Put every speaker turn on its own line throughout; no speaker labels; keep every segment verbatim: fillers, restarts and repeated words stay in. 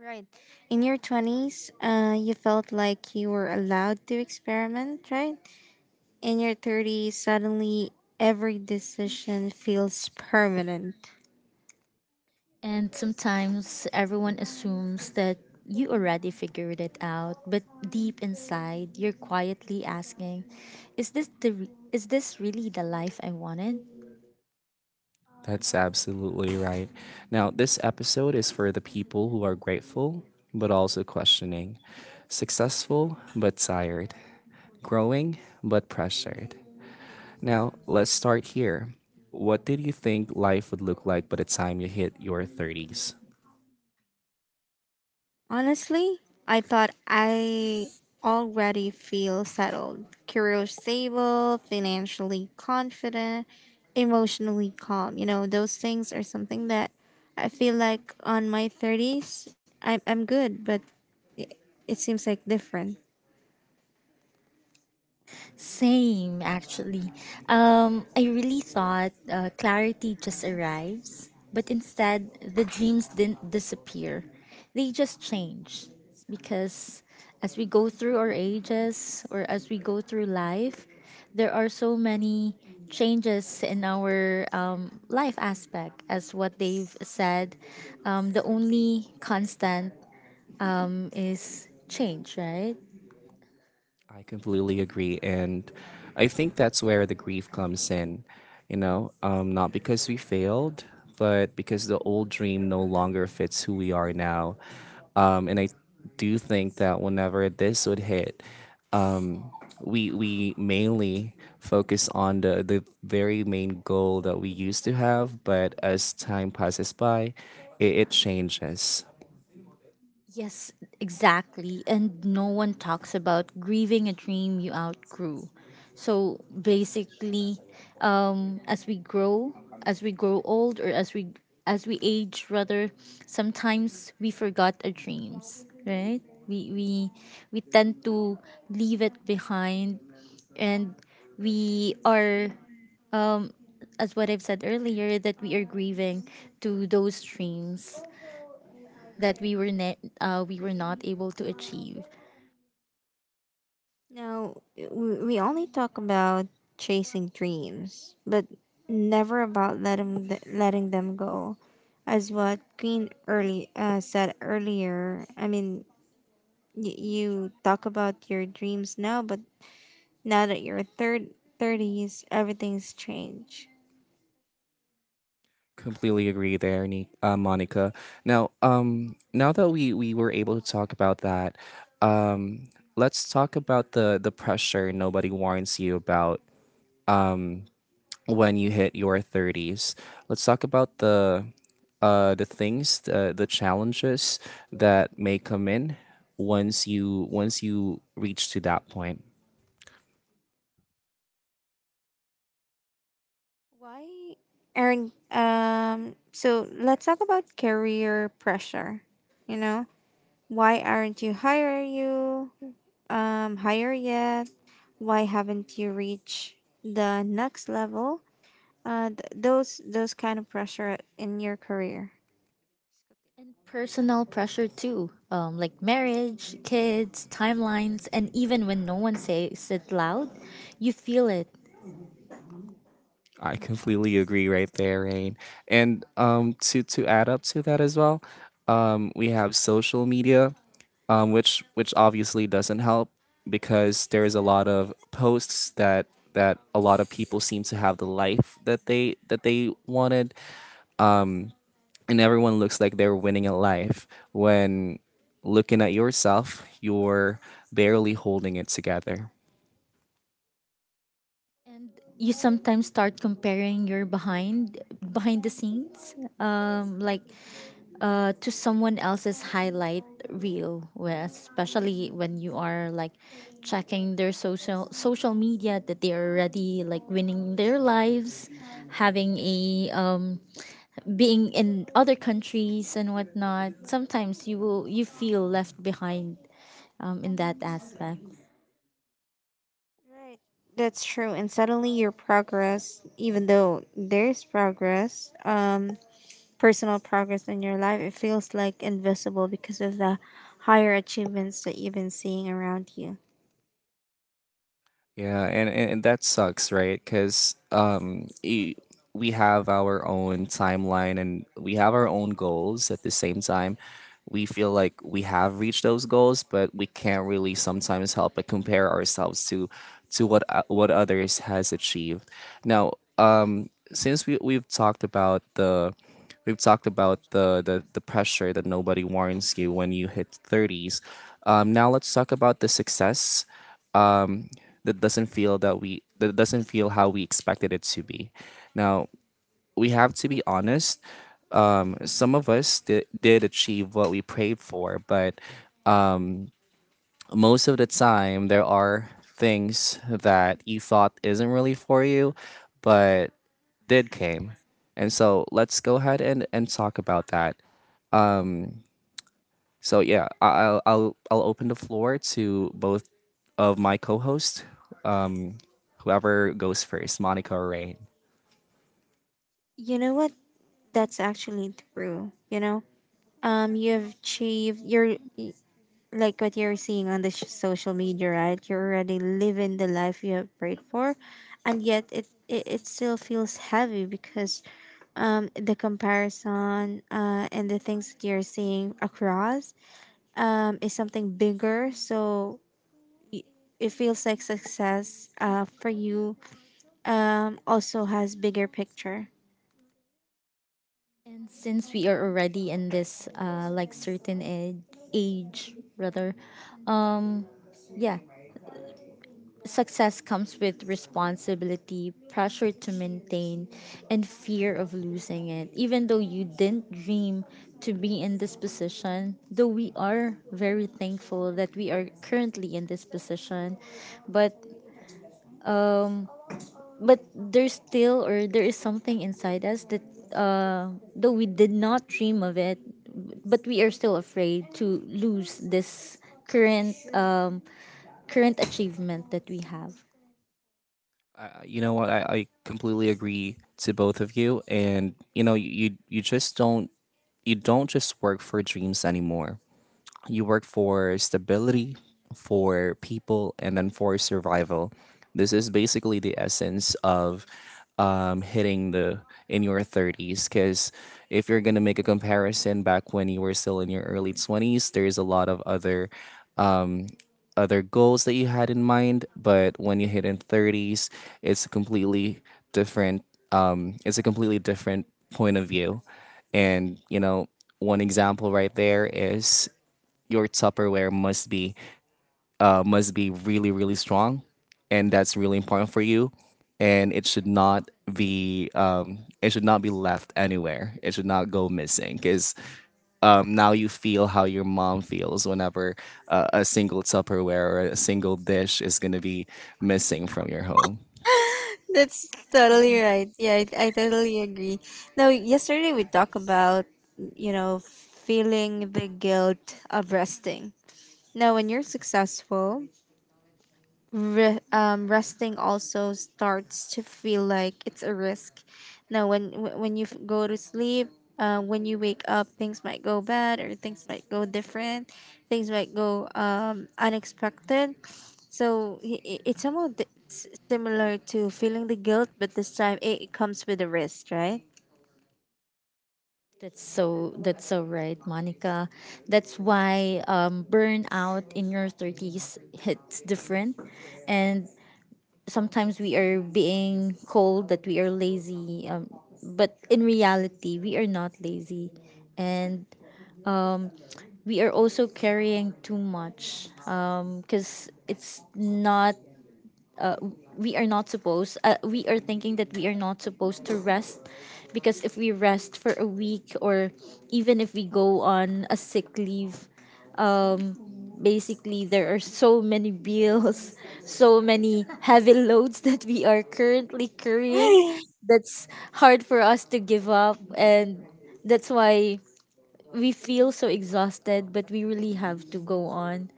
Right. In your twenties, uh, you felt like you were allowed to experiment, right? In your thirties, suddenly every decision feels permanent.
And sometimes everyone assumes that you already figured it out, but deep inside, you're quietly asking, is this the re- is this really the life I wanted?
Honestly, I thought I already feel settled, career stable, financially confident, emotionally calm. You know, those things are something that I feel like on my thirties, I'm, I'm good, but it, it seems like different.
Same, actually. Um, I really thought uh, clarity just arrives, but instead, the dreams didn't disappear. They just change. Because as we go through our ages, or as we go through life, there are so many changes in our um, life aspect, as what they've said. Um, the only constant um, is change, right? Yes, exactly. And no one talks about grieving a dream you outgrew. So basically, um, as we grow, as we grow old, or as we as we age, rather, sometimes we forgot our dreams, right? We we we tend to leave it behind, and we are, as what I've said earlier, that we are grieving to those dreams that we were ne- uh, we were not able to achieve.
Now, w- we only talk about chasing dreams, but never about letting th- letting them go. As what Queen early uh, said earlier, I mean, y- you talk about your dreams now, but now that you're third thirties, everything's changed. Why, Aaron? Um, so let's talk about career pressure. You know, why aren't you higher you um higher yet? Why haven't you reached the next level? Uh th- those those kind of pressure in your career.
And personal pressure too, um, like marriage, kids, timelines, and even when no one says it loud, you feel it. And you sometimes start comparing your behind behind the scenes, um, like uh, to someone else's highlight reel, where especially when you are like checking their social social media, that they are already like winning their lives, having a um, being in other countries and whatnot. Sometimes you will you feel left behind um, in that aspect.
Right. That's true. And suddenly your progress, even though there's progress, um, personal progress in your life, it feels like invisible because of the higher achievements that you've been seeing around you. You know what? That's actually true, you know? Um you've achieved you're y- like what you're seeing on the sh- social media, right? You're already living the life you have prayed for, and yet it it, it still feels heavy because um the comparison uh and the things that you're seeing across um is something bigger. So y- it feels like success uh for you um also has bigger picture.
And since we are already in this uh, like certain age, age, rather, um, yeah, success comes with responsibility, pressure to maintain, and fear of losing it. Even though you didn't dream to be in this position, though we are very thankful that we are currently in this position, but um, but there's still, or there is something inside us that uh, though we did not dream of it, but we are still afraid to lose this current um, current achievement that we have.
That's totally right. Yeah, I, I totally agree. Now, yesterday we talked about, you know, feeling the guilt of resting. Now, when you're successful, re- um, resting also starts to feel like it's a risk. Now, when wh- when you f- go to sleep, uh, when you wake up, things might go bad or things might go different. Things might go um, unexpected. So i- i- it's somewhat di- s- similar to feeling the guilt, but this time it it comes with a risk, right?
That's so, that's so right, Monica. That's why um, burnout in your thirties hits different. And sometimes we are being called that we are lazy, um, but in reality we are not lazy, and we are also carrying too much because it's not we are not supposed uh, we are thinking that we are not supposed to rest, because if we rest for a week, or even if we go on a sick leave, um basically there are so many bills so many heavy loads that we are currently carrying, that's hard for us to give up. And that's why we feel so exhausted, but we really have to go on.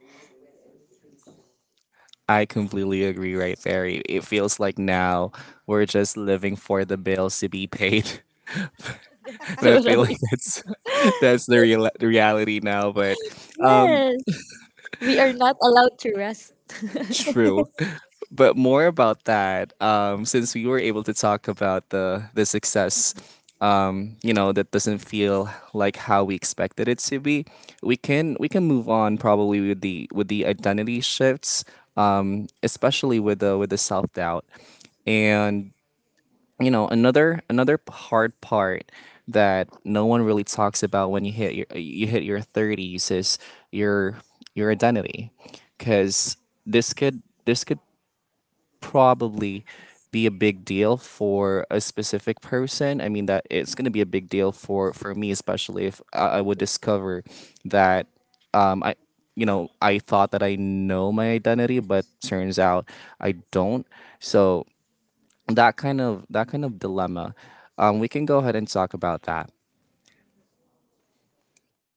That's totally. Yes, we are not allowed to rest.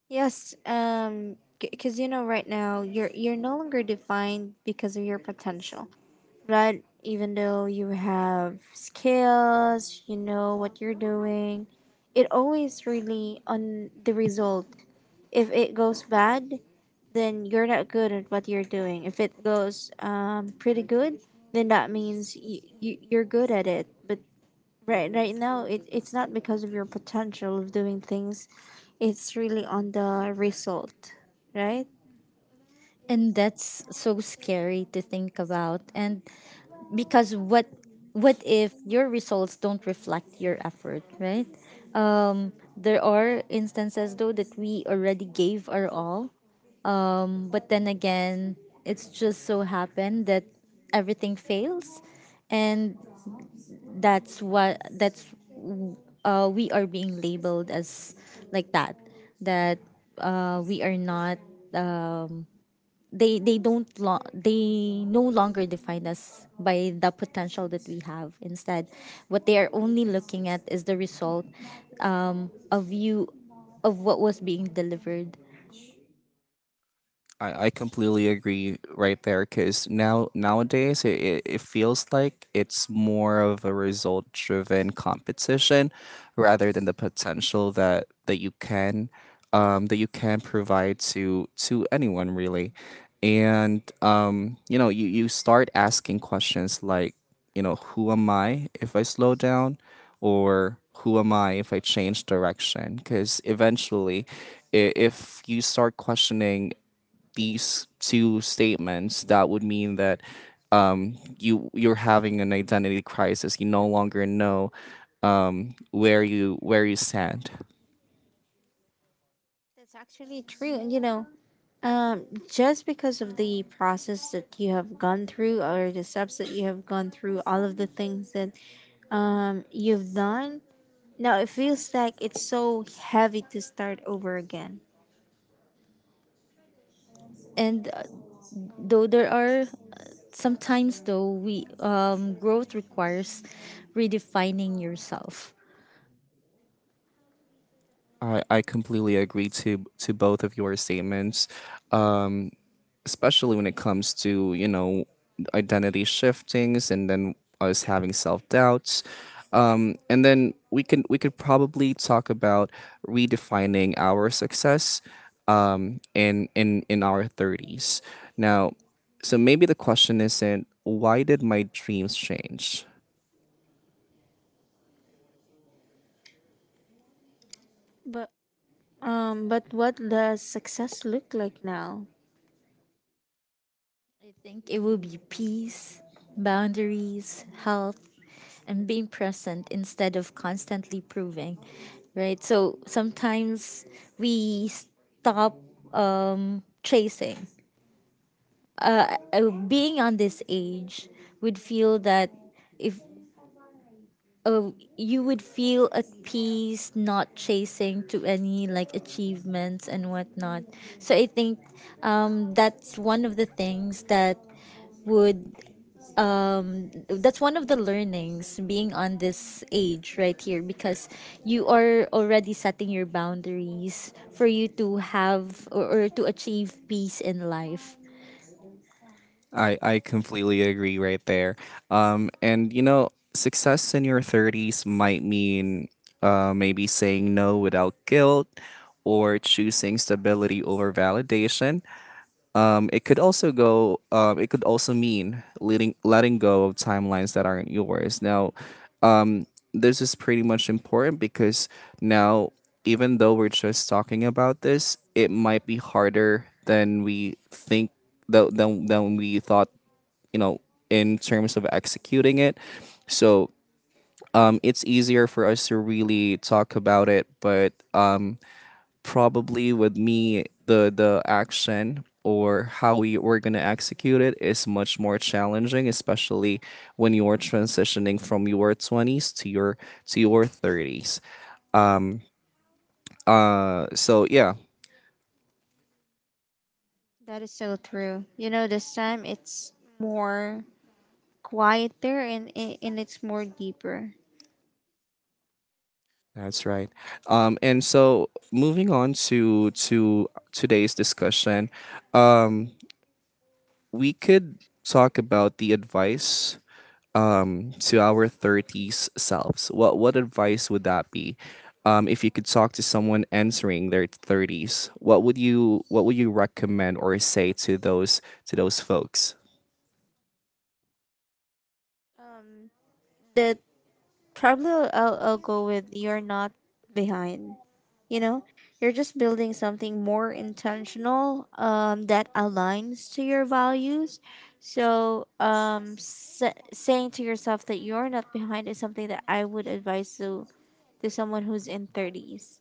Yes, um, because you know, right now you're you're no longer defined because of your potential, right? Even though you have skills, you know what you're doing, it always really on the result. If it goes bad, then you're not good at what you're doing. If it goes um, pretty good, then that means you, you, you're good at it. But right right now, it, it's not because of your potential of doing things. It's really on the result, right?
And that's so scary to think about. And because what what if your results don't reflect your effort, right? There are instances though that we already gave our all, but then again, it's just so happened that everything fails, and that's what that's uh, we are being labeled as like that that uh, we are not, they they don't lo- they no longer define us by the potential that we have. Instead, what they are only looking at is the result, um, of you, of what was being delivered.
That's actually true. And you know, um, just because of the process that you have gone through or the steps that you have gone through, all of the things that um, you've done, now it feels like it's so heavy to start over again.
And uh, Though there are sometimes, though we um, growth requires redefining yourself.
But um, but what does success look like now?
I think it will be peace, boundaries, health, and being present instead of constantly proving, right? So sometimes we stop um, chasing. Uh, uh, being on this age, would feel that if uh, you would feel at peace, not chasing to any like achievements and whatnot. So I think um, that's one of the things that would um that's one of the learnings being on this age right here, because you are already setting your boundaries for you to have, or, or to achieve peace in life.
That is so true. You know, this time it's more quieter and i- and it's more deeper. The probably I'll, I'll go with you're not behind. You know, you're just building something more intentional um, that aligns to your values. So, um, sa- saying to yourself that you're not behind is something that I would advise to to someone who's in thirties.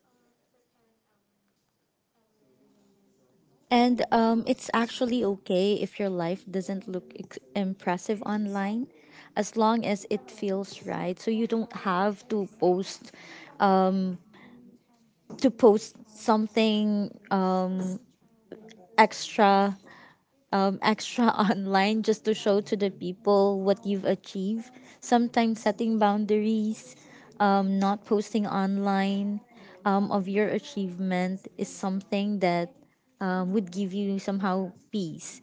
And um it's actually okay if your life doesn't look ex- impressive online, as long as it feels right. So you don't have to post um to post something um extra um, extra online just to show to the people what you've achieved. Sometimes setting boundaries, um, not posting online um, of your achievement is something that um, would give you somehow peace.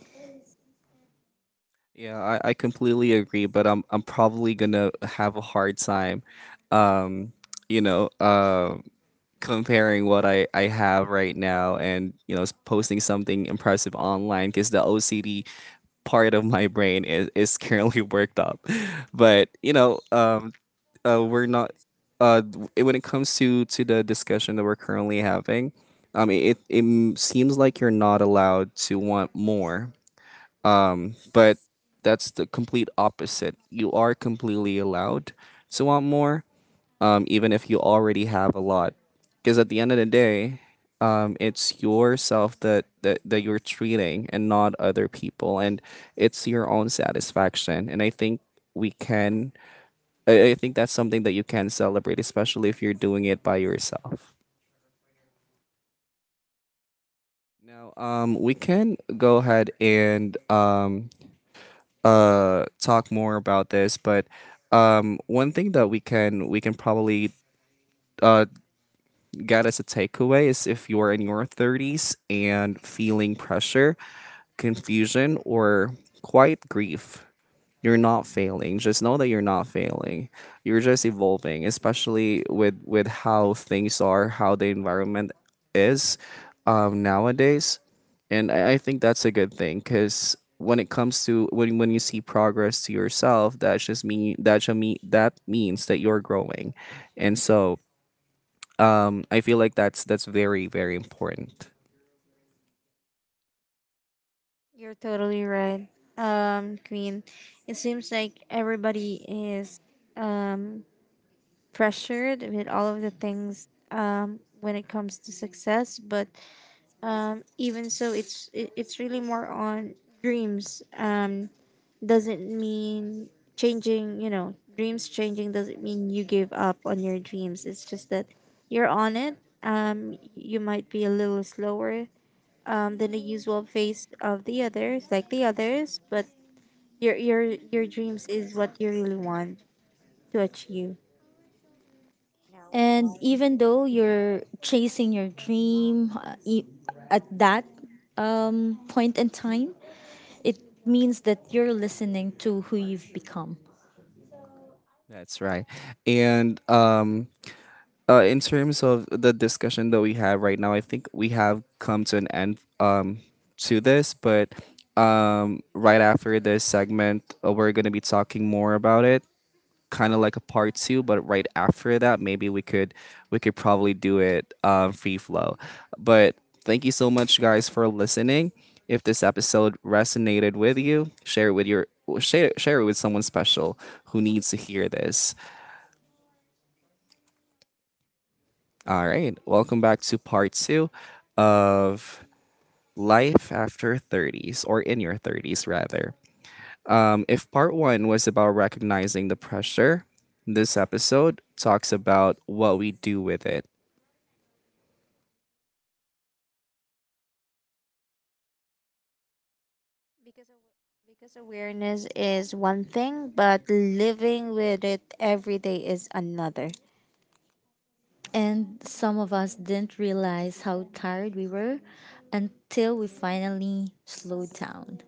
You're totally right. Um, Queen, it seems like everybody is um, pressured with all of the things um, when it comes to success, but um, even so it's it, it's really more on dreams, um, doesn't mean changing. You know, dreams changing doesn't mean you give up on your dreams. It's just that you're on it. Um, you might be a little slower, um, than the usual pace of the others, like the others, but your your your dreams is what you really want to achieve.
And even though you're chasing your dream uh, e- at that um, point in time, it means that you're listening to who you've become.
Because awa- because awareness is one thing, but living with it every day is another.
And some of us didn't realize how tired we were until we finally slowed down.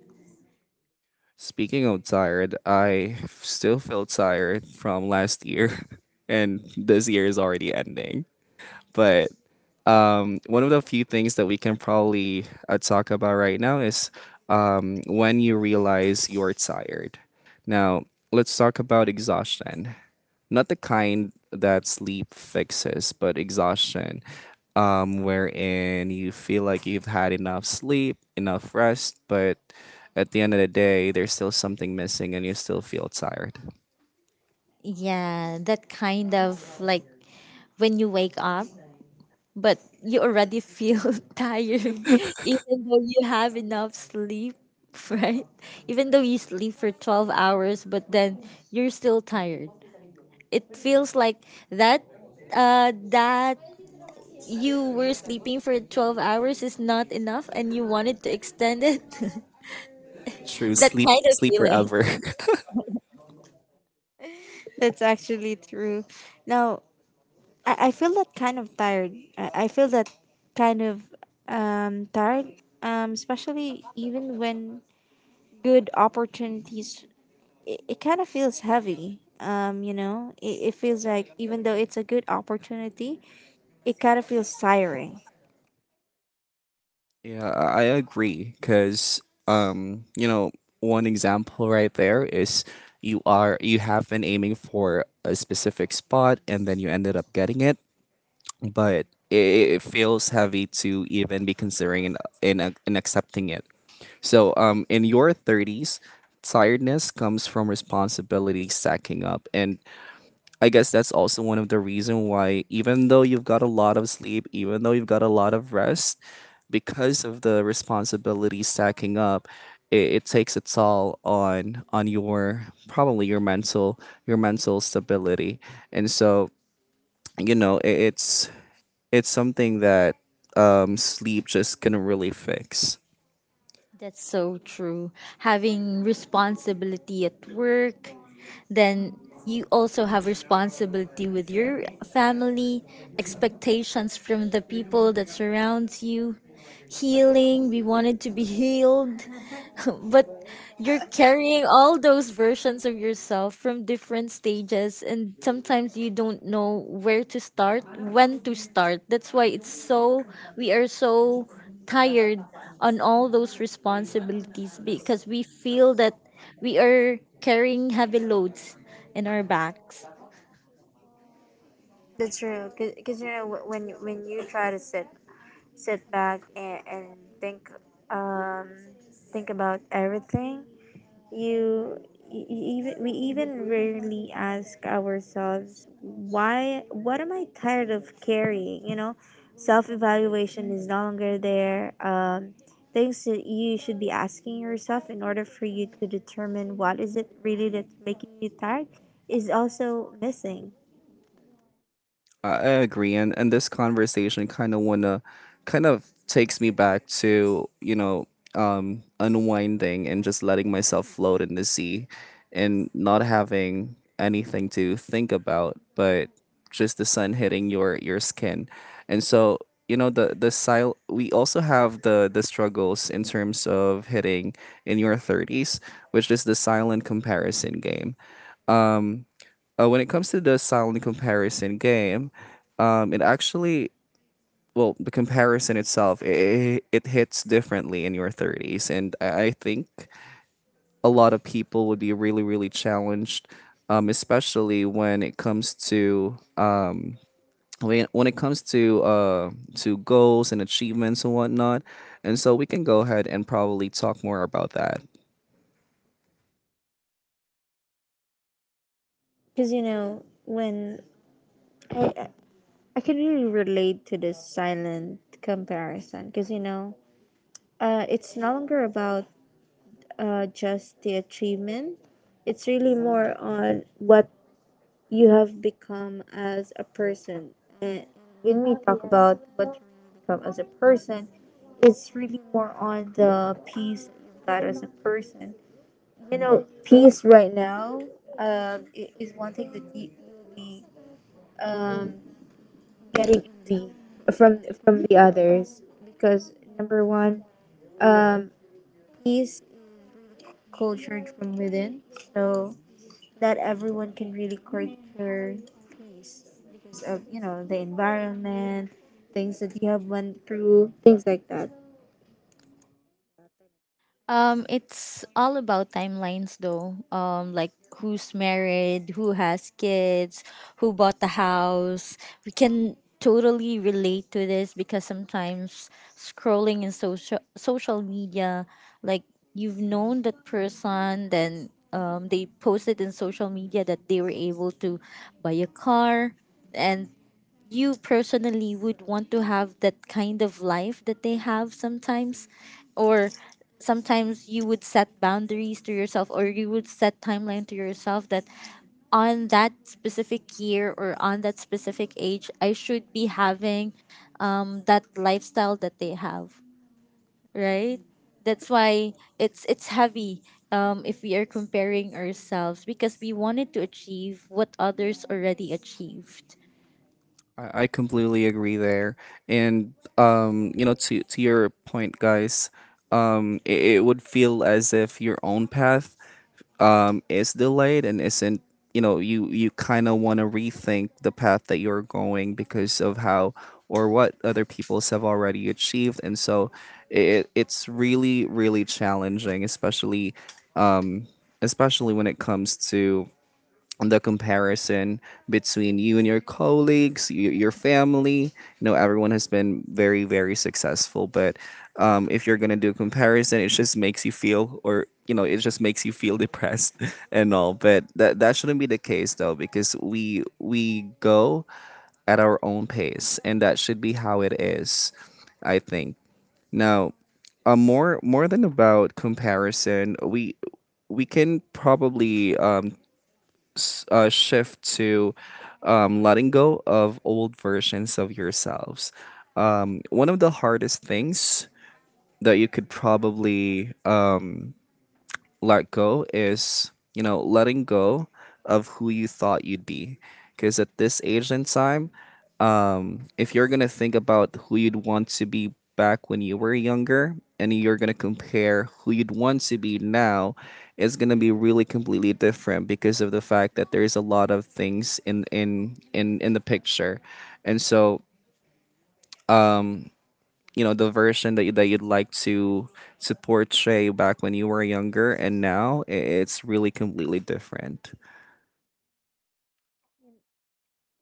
Yeah, that kind of like when you wake up, but you already feel tired, even though you have enough sleep, right? Even though you sleep for twelve hours, but then you're still tired. It feels like that uh that you were sleeping for twelve hours is not enough and you wanted to extend it. That kind of feeling.
That's actually true. Now, I, I feel that kind of tired. I, I feel that kind of um tired. Um, especially even when good opportunities, it, it kind of feels heavy. Um, you know, it, it feels like even though it's a good opportunity, it kind of feels tiring.
That's so true. Having responsibility at work, then you also have responsibility with your family, expectations from the people that surrounds you. Healing. We wanted to be healed. But you're carrying all those versions of yourself from different stages, and sometimes you don't know where to start, when to start. That's why it's so, we are so tired on all those responsibilities, because we feel that we are carrying heavy loads in our backs.
That's true. Because you know wh- when you- when you try to sit sit back and, and think, um, think about everything, you, you even we even rarely ask ourselves why, what am I tired of carrying? You know, self evaluation is no longer there. Um, things that you should be asking yourself in order for you to determine what is it really that's making you tired is also missing. Because you know, when I I I can really relate to this silent comparison. Because you know, uh, it's no longer about uh, just the achievement. It's really more on what you have become as a person. And when we talk about what you become as a person, it's really more on the peace that you got as a person. You know, peace right now, um, i- is one thing that you, you'll be um, getting envy from from the others. Because number one, um, peace is cultured from within, so not everyone can really culture peace because of, you know, the environment, things that you have went through, things like that.
Um, it's all about timelines though. Um, like who's married, who has kids, who bought the house. We can totally relate to this, because sometimes scrolling in social social media, like you've known that person, then um, they posted in social media that they were able to buy a car, and you personally would want to have that kind of life that they have sometimes. Or sometimes you would set boundaries to yourself, or you would set timeline to yourself, that on that specific year or on that specific age I should be having um, that lifestyle that they have, right? That's why it's it's heavy um, if we are comparing ourselves, because we wanted to achieve what others already achieved.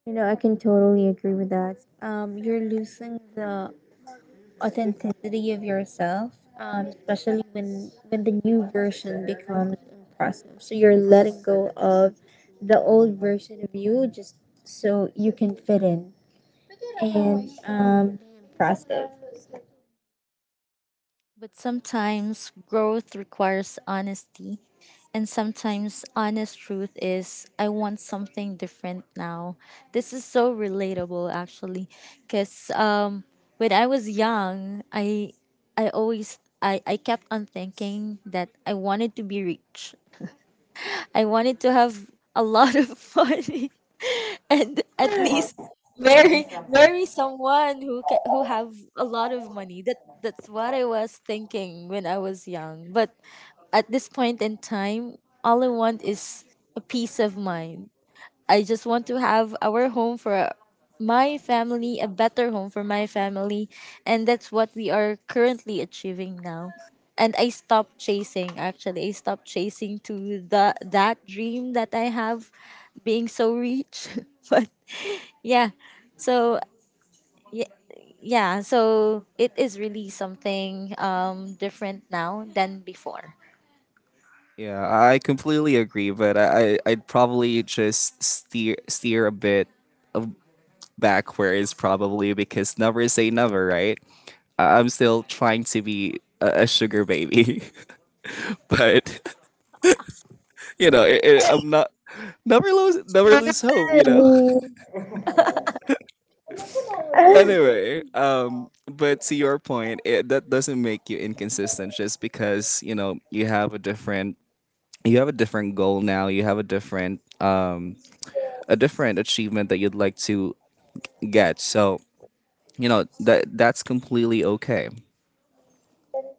You know, I can totally agree with that. Um, you're losing the authenticity of yourself, um, especially when when the new version becomes impressive. So you're letting go of the old version of you just so you can fit in and um, be impressive.
But sometimes growth requires honesty. And sometimes honest truth is, I want something different now. This is so relatable actually. Because um, when I was young, I, I always, I, I kept on thinking that I wanted to be rich. I wanted to have a lot of money, and at least marry marry someone who ca- who have a lot of money. That, that's what I was thinking when I was young. But at this point in time, all I want is a peace of mind. I just want to have our home for my family, a better home for my family. And that's what we are currently achieving now. And I stopped chasing, actually I stopped chasing to the that dream that I have, being so rich. But yeah. So y- yeah, so it is really something um different now than before.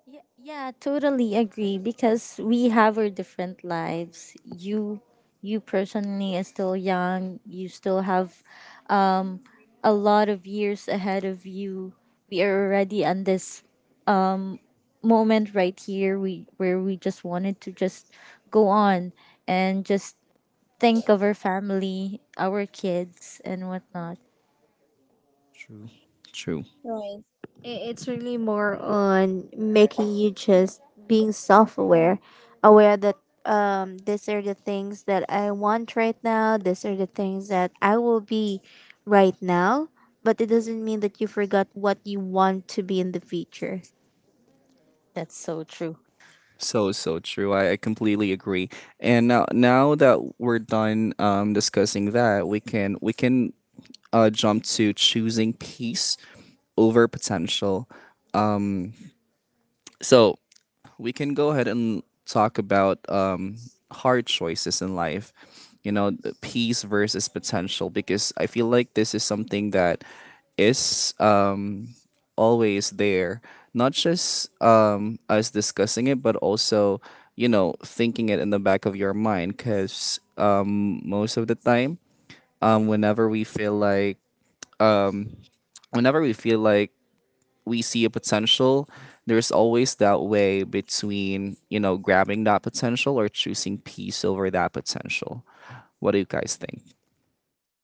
Yeah, yeah, totally agree, because we have our different lives. You you personally are still young. You still have um a lot of years ahead of you. We are already on this um moment right here, we where we just wanted to just go on, and just think of our family, our kids, and whatnot.
Right. I- It's really more on making you just being self aware, aware that, um, these are the things that I want right now, these are the things that I will be right now, but it doesn't mean that you forgot what you want to be in the future.
That's so true.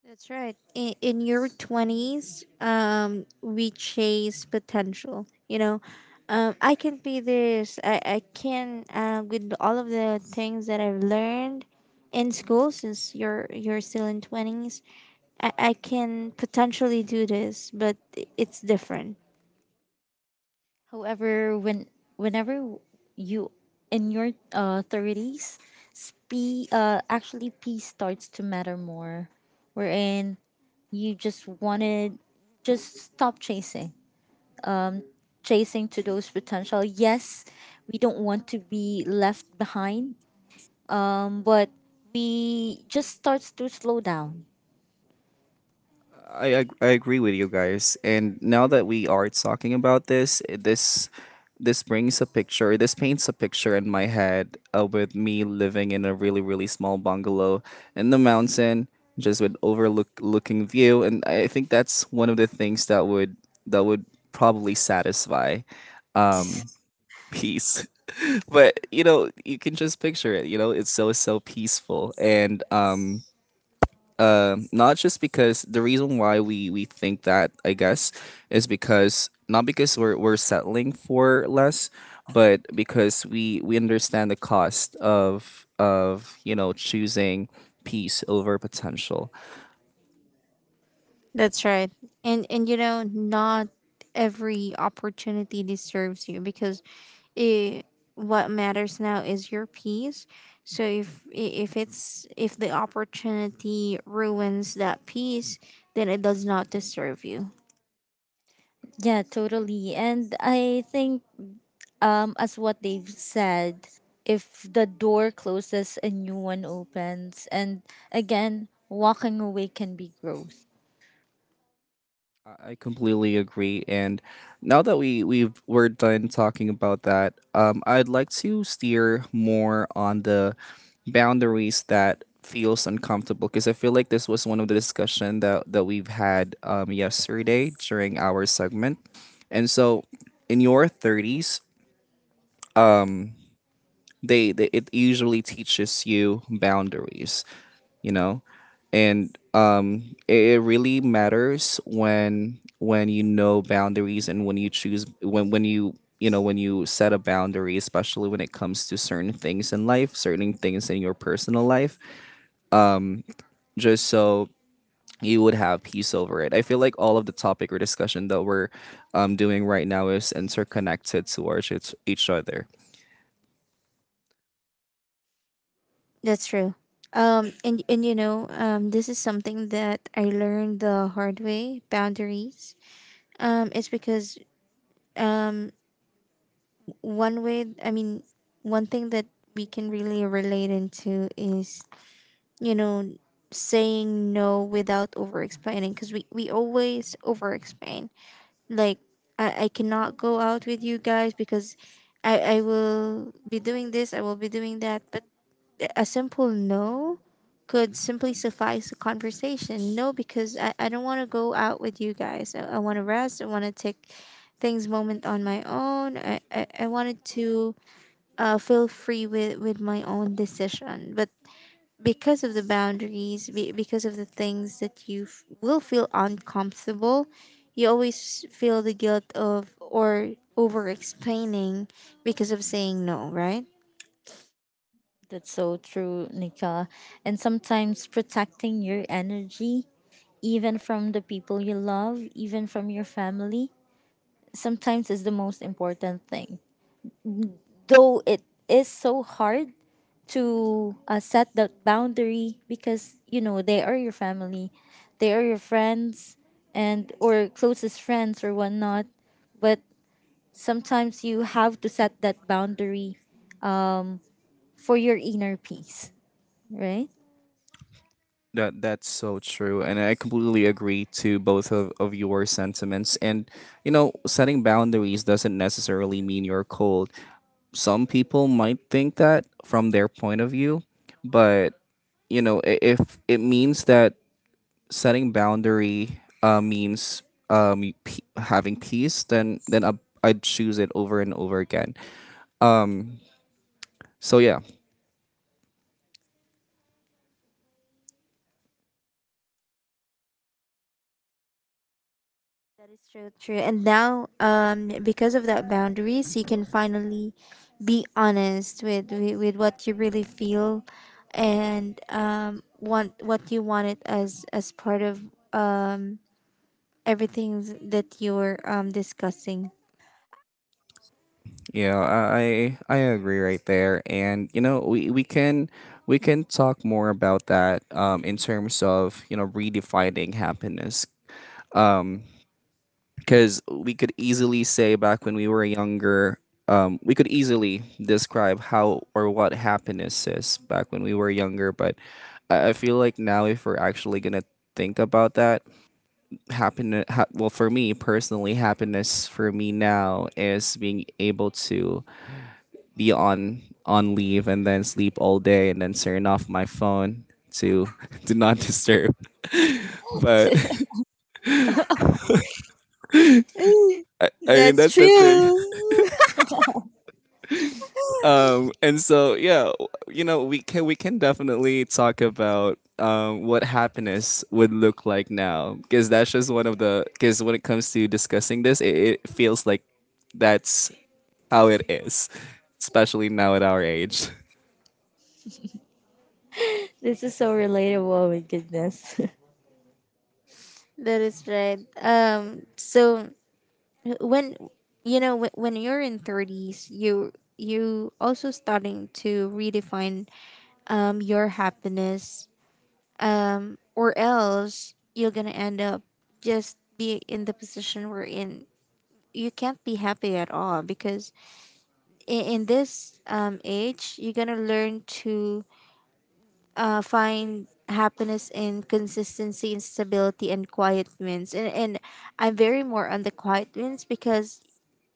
That's right. In, in your twenties, um, we chase potential. You know, um, I can be this. I, I can, uh, with all of the things that I've learned in school, since you're, you're still in twenties, I, I can potentially do this, but i- it's different.
However, when whenever you in your uh thirties, spe uh actually peace starts to matter more. Wherein you just wanted just stop chasing. Chasing to those potential. Yes, we don't want to be left behind, but we just starts to slow down.
That's right. And and you know, not every opportunity deserves you because it, what matters now is your peace. So if i- if it's if the opportunity ruins that peace, then it does not deserve you.
Yeah, totally. And I think um, as what they've said, if the door closes, a new one opens. And again, walking away can be growth.
That's true. Um, and and you know, um, this is something that I learned the hard way, boundaries. Um it's because, um. one way I mean one thing that we can really relate into is, you know, saying no without over explaining, because we, we always over explain. Like, I, I cannot go out with you guys because, I, I will be doing this, I will be doing that, but a simple no could simply suffice a conversation. No, because i, I don't want to go out with you guys. i, I want to rest. I want to take things moment on my own. i, I, I wanted to uh, feel free with, with my own decision. But because of the boundaries, be, because of the things that you f- will feel uncomfortable, you always feel the guilt of or over explaining because of saying no, right?
That's so true, Nika. And sometimes protecting your energy, even from the people you love, even from your family, sometimes is the most important thing. Though it is so hard to uh, set that boundary, because you know they are your family, they are your friends and, or closest friends or whatnot, but sometimes you have to set that boundary um, for your inner peace, right?
That is so true. And now, um, because of that boundaries, you can finally be honest with, with, with what you really feel and um, want what you wanted as as part of um, everything that you're um discussing. That's true.
This is so relatable, oh my goodness.
That is right. Um. So when, you know, when, when you're in thirties, you you also starting to redefine um your happiness. Um. Or else you're gonna end up just be in the position we're in. You can't be happy at all because in, in this um age, you're gonna learn to uh, find happiness in consistency and stability and quiet wins. And, and I'm very more on the quiet wins because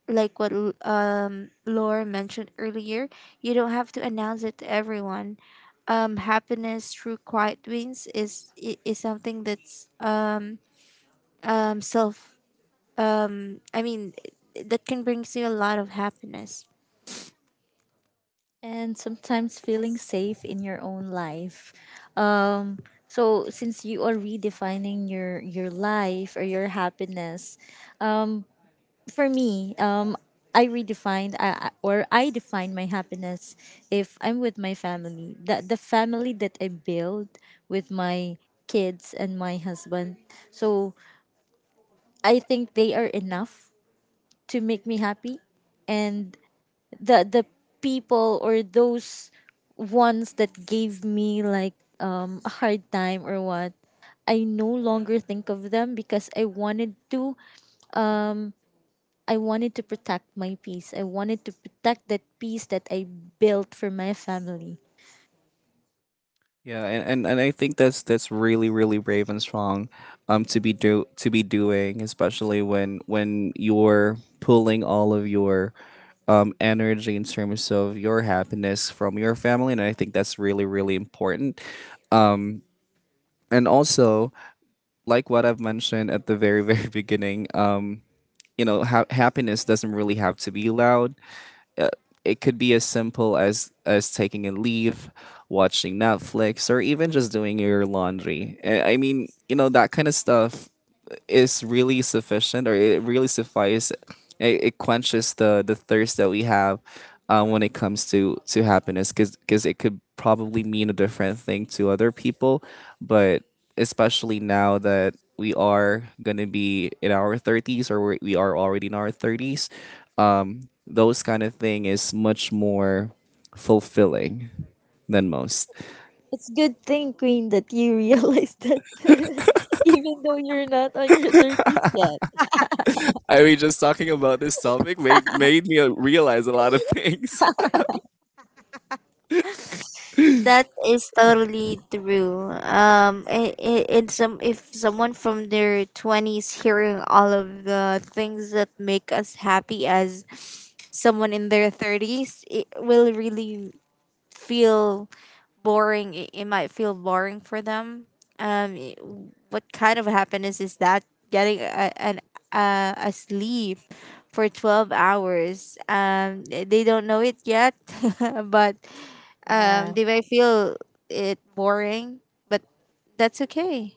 like what L- um Laura mentioned earlier, you don't have to announce it to everyone. Um, happiness through quiet wins is i- is something that's um um self um I mean that can brings you a lot of happiness.
And sometimes feeling safe in your own life. Um, so since you are redefining your your life or your happiness, for me, um, I redefined, I, I- or I define my happiness if I'm with my family. The the family that I build with my kids and my husband. So I think they are enough to make me happy. And the the people, or those ones that gave me like um a hard time or what, I no longer think of them, because I wanted to, I wanted to protect my peace. I wanted to protect that peace that I built for my family. It's good thing, Queen, that you realize that, even though you're not on your thirties yet.
That is totally true. Um, I I in some, if someone from their twenties hearing all of the things that make us happy as someone in their thirties, it will really feel boring. It, it might feel boring for them. um i- what kind of happiness is that? Getting a, an uh, a sleep for twelve hours. Um, th- they don't know it yet, but um
Yeah.
they might feel it boring. But that's okay.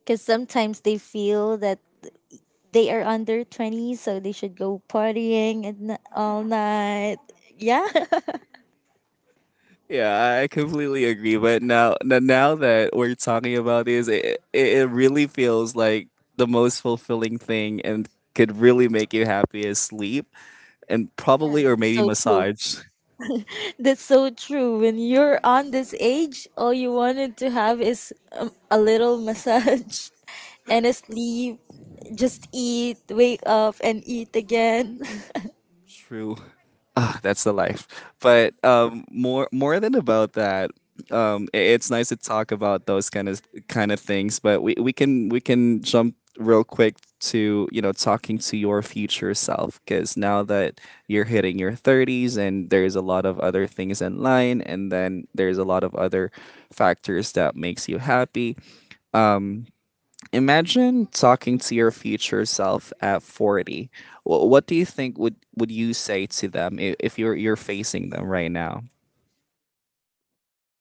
Because sometimes they feel that they are under twenty, so they should go partying and n- all night. Yeah. Yeah, that's so true. That's so true. When you're on this age, all you wanted to have is um, a little massage and a sleep. Just eat, wake up, and eat again.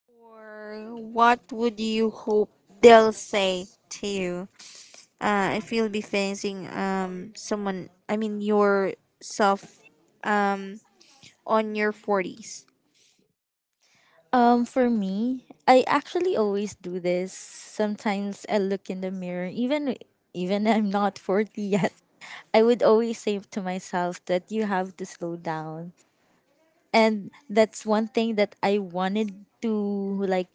Or what would you hope they'll say to you, uh, if you'll be facing um someone, I mean yourself, um on your forties.
Um, for me, I actually always do this. Sometimes I look in the mirror, even even I'm not forty yet. I would always say to myself that you have to slow down, and that's one thing that I wanted to, like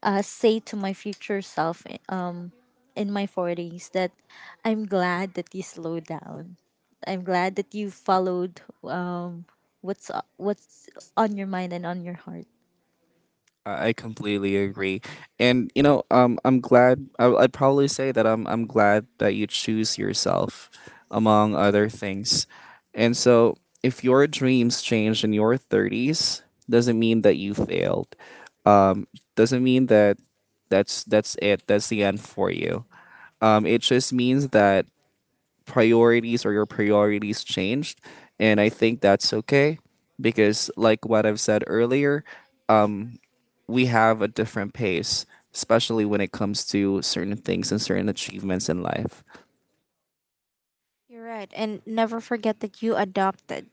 uh, say to my future self. Um, in my forties, that I'm glad that you slowed down. I'm glad that you followed um what's what's on your mind and on your heart.
You're right. And never forget that you adopted.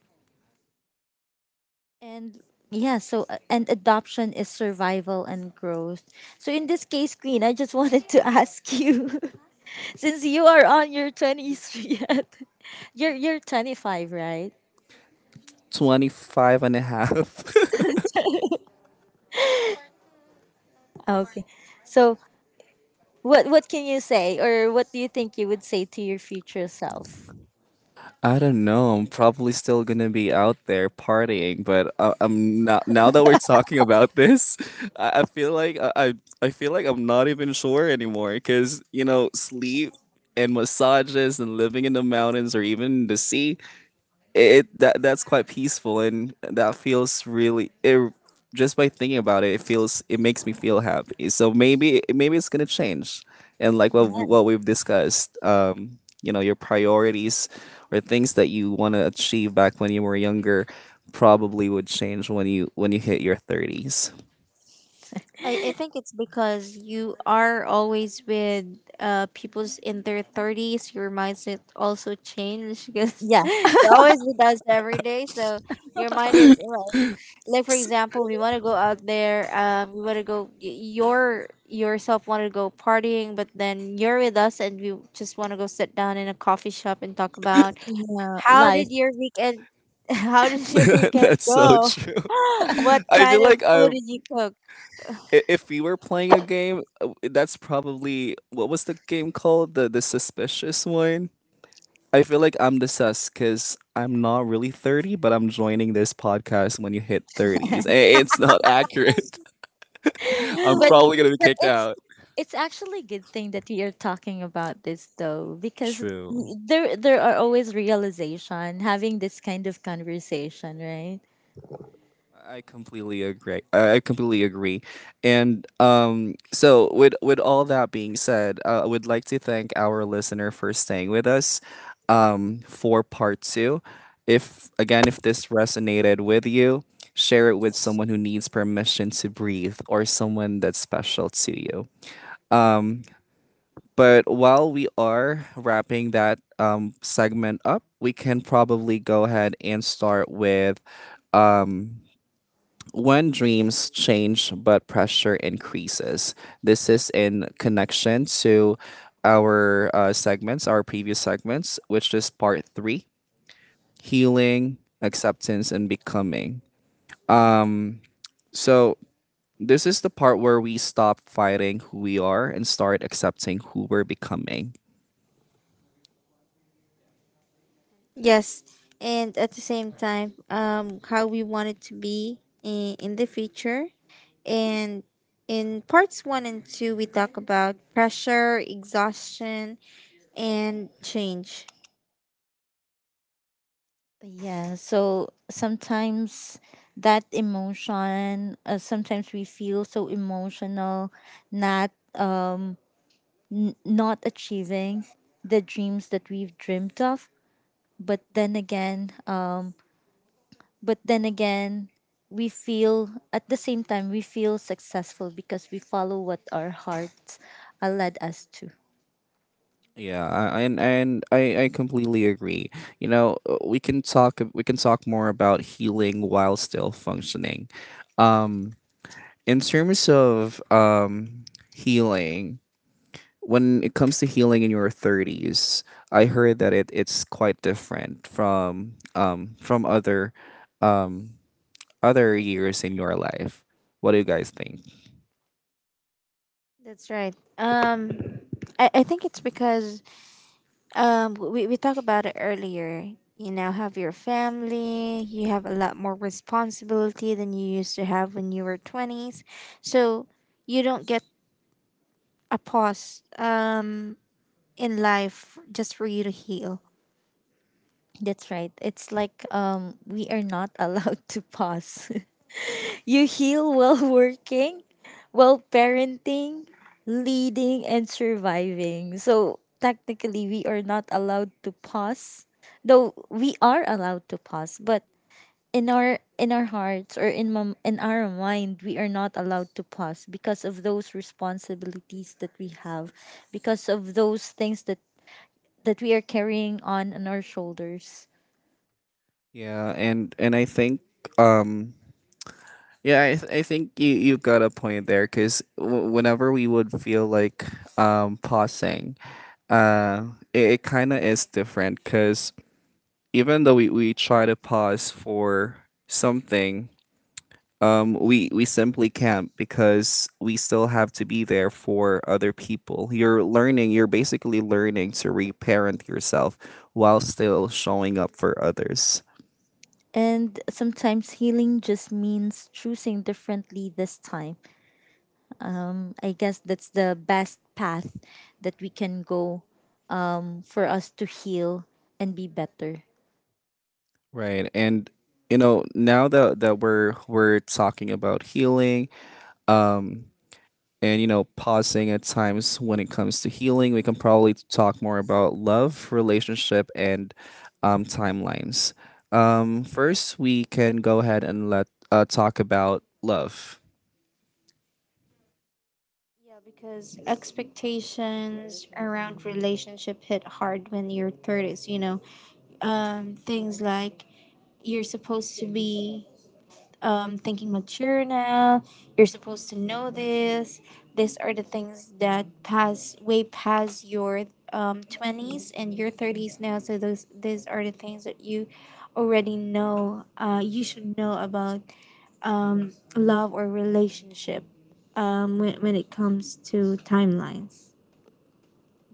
And yeah, so uh, and adoption is survival and growth. So in this case, Queen, I just wanted to ask you, since you are on your twenties yet, you're you're twenty five, right? Okay, so what what can you say, or what do you think you would say to your future self?
I, I think it's because you are always with uh people's in their thirties, your mindset also changed because
Yeah,
you're always with us every day. So your mind is like, for example, we want to go out there, um we want to go y- your yourself want to go partying but then you're with us and we just want to go sit down in a coffee shop and talk about
yeah,
how did
life.
your weekend how did your weekend go. What kind of food did you cook?
but but it's actually a good thing that you're talking about this though, because there there are always realization having this kind of conversation, right?
Yes, and at the same time um how we want it to be in, in the future, and in parts one and two, we talk about pressure, exhaustion, and change.
But yeah, so sometimes that emotion, uh, sometimes we feel so emotional, not uh, n- not achieving the dreams that we've dreamt of. But then again, But then again, we feel at the same time we feel successful because we follow what our hearts uh, led us to.
That's right. Um, I, I think it's because um we, we talked about it earlier. You now have your family, you have a lot more responsibility than you used to have when you were twenties. So you don't get a pause, um, in life just for you to heal.
That's right. It's like um, we are not allowed to pause. You heal while working, while parenting, leading, and surviving. So technically, we are not allowed to pause, though we are allowed to pause, but in our in our hearts or in mom, in our mind we are not allowed to pause because of those responsibilities that we have, because of those things that that we are carrying on on our shoulders, and sometimes healing just means choosing differently this time. um I guess that's the best path that we can go um for us to heal and be better.
Yeah, because expectations around relationship hit hard when you're thirties, you know, um, things like you're supposed to be, um, thinking mature now. You're supposed to know this. These are the things that pass way past your, um, twenties and your thirties now. So those, these are the things that you already know. Uh, you should know about um, love or relationship, um, when, when it comes to timelines.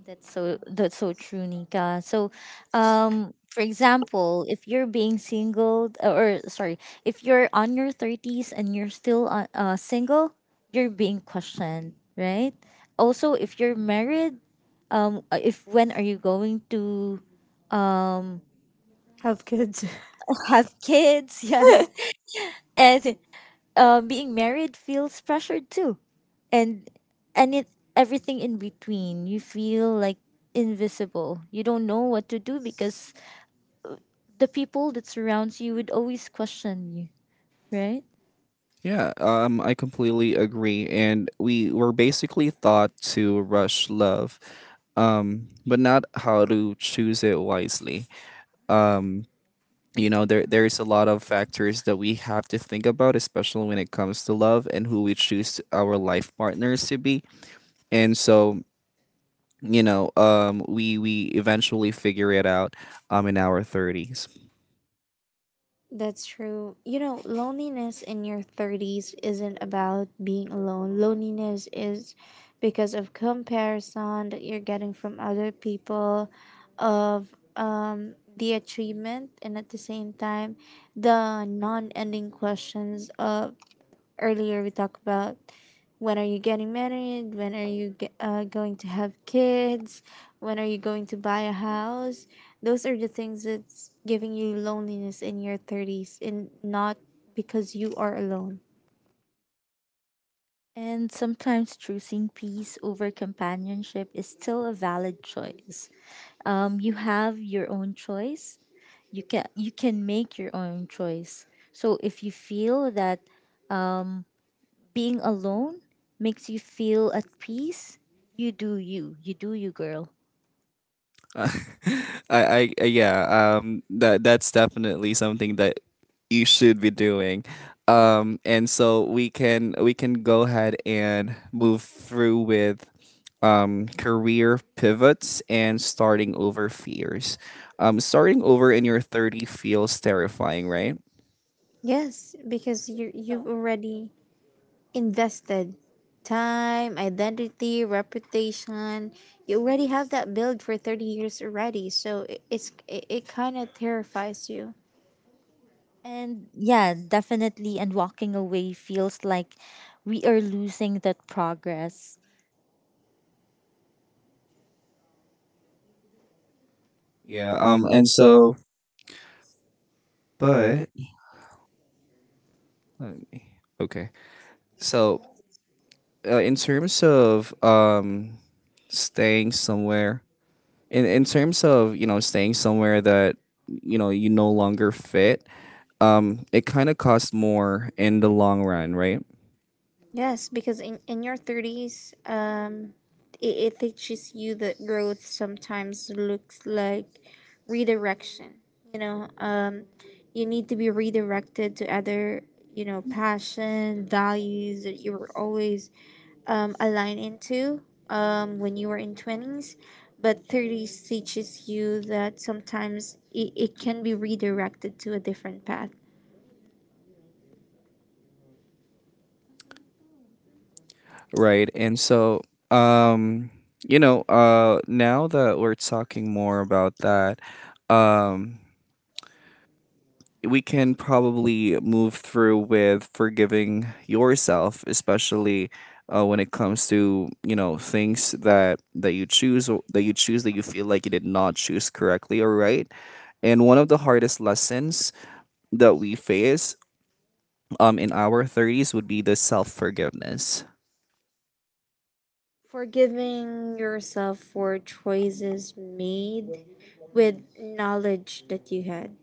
That's so that's so true, Nika. So, um, for example, if you're being single, uh, or sorry, if you're on your thirties and you're still on, uh, single, you're being questioned, right? Also, if you're married, um, uh, if when are you going to
Have kids.
have kids? Yes, and uh, being married feels pressured too, and and it everything in between. You feel like invisible. You don't know what to do because the people that surrounds you would always question you, right?
That's true. You know, loneliness in your thirties isn't about being alone. Loneliness is because of comparison that you're getting from other people, of, um, the achievement, and at the same time, the non ending questions of earlier we talked about, when are you getting married, when are you ge- uh, going to have kids, when are you going to buy a house. Those are the things that's giving you loneliness in your thirties and not because you are alone.
And sometimes choosing peace over companionship is still a valid choice. Um, you have your own choice. You can you can make your own choice. So if you feel that um, being alone makes you feel at peace, you do you. You do you, girl.
Yes, because you you've
So
already invested time, identity, reputation. You already have that build for thirty years already. So it, it's it, it kind of terrifies you.
and yeah, definitely. And walking away feels like we are losing that progress.
Yeah. Um. And so, but
Yes, because in, in your thirties, um, it, it teaches you that growth sometimes looks like redirection. You know, um, you need to be redirected to other, you know, passion, values that you were always, um, aligned into, um, when you were in twenties. But thirties teaches you that sometimes it, it can be redirected to a different path. Forgiving yourself for choices made with knowledge that you had.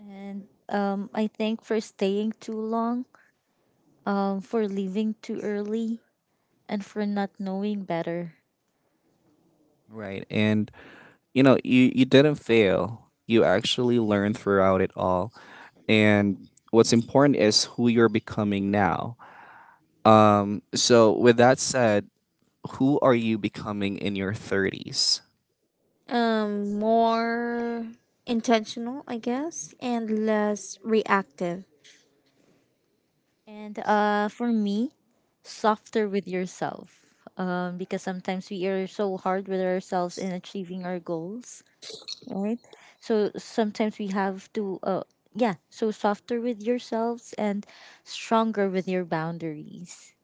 And um, I think for staying too long, um, for leaving too early, and for not knowing better.
Um, more intentional, I guess, and less reactive.
And uh, for me, softer with yourself. Um, because sometimes we are so hard with ourselves in achieving our goals, right? So sometimes we have to, uh, yeah, so softer with yourselves and stronger with your boundaries.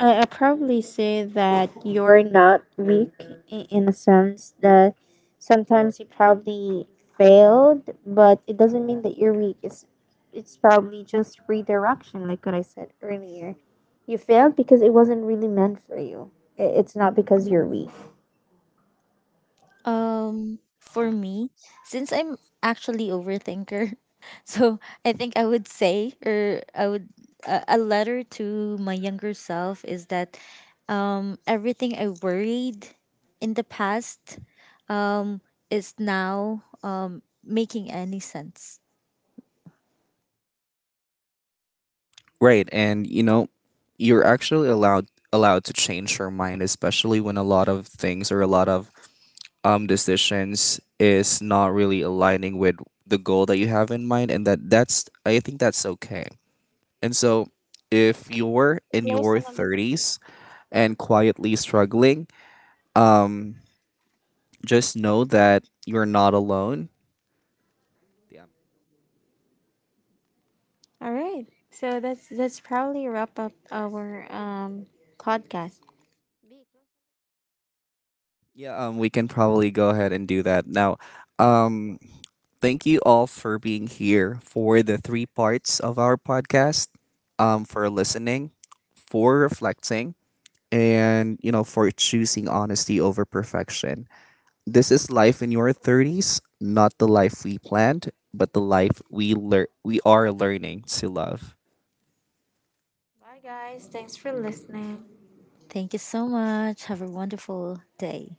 I, I probably say that you're not weak, i- in a sense that sometimes you probably failed, but it doesn't mean that you're weak. It's it's probably just redirection, like what I said earlier. You failed because it wasn't really meant for you. I- It's not because you're weak.
Um, for me, since I'm actually overthinker, so I think I would say or I would a a letter to my younger self is that um everything I worried in the past um is now um making any sense.
All right. So that's that's probably wrap up our um podcast. Bye guys. Thanks for listening.
Thank you so much. Have a wonderful day.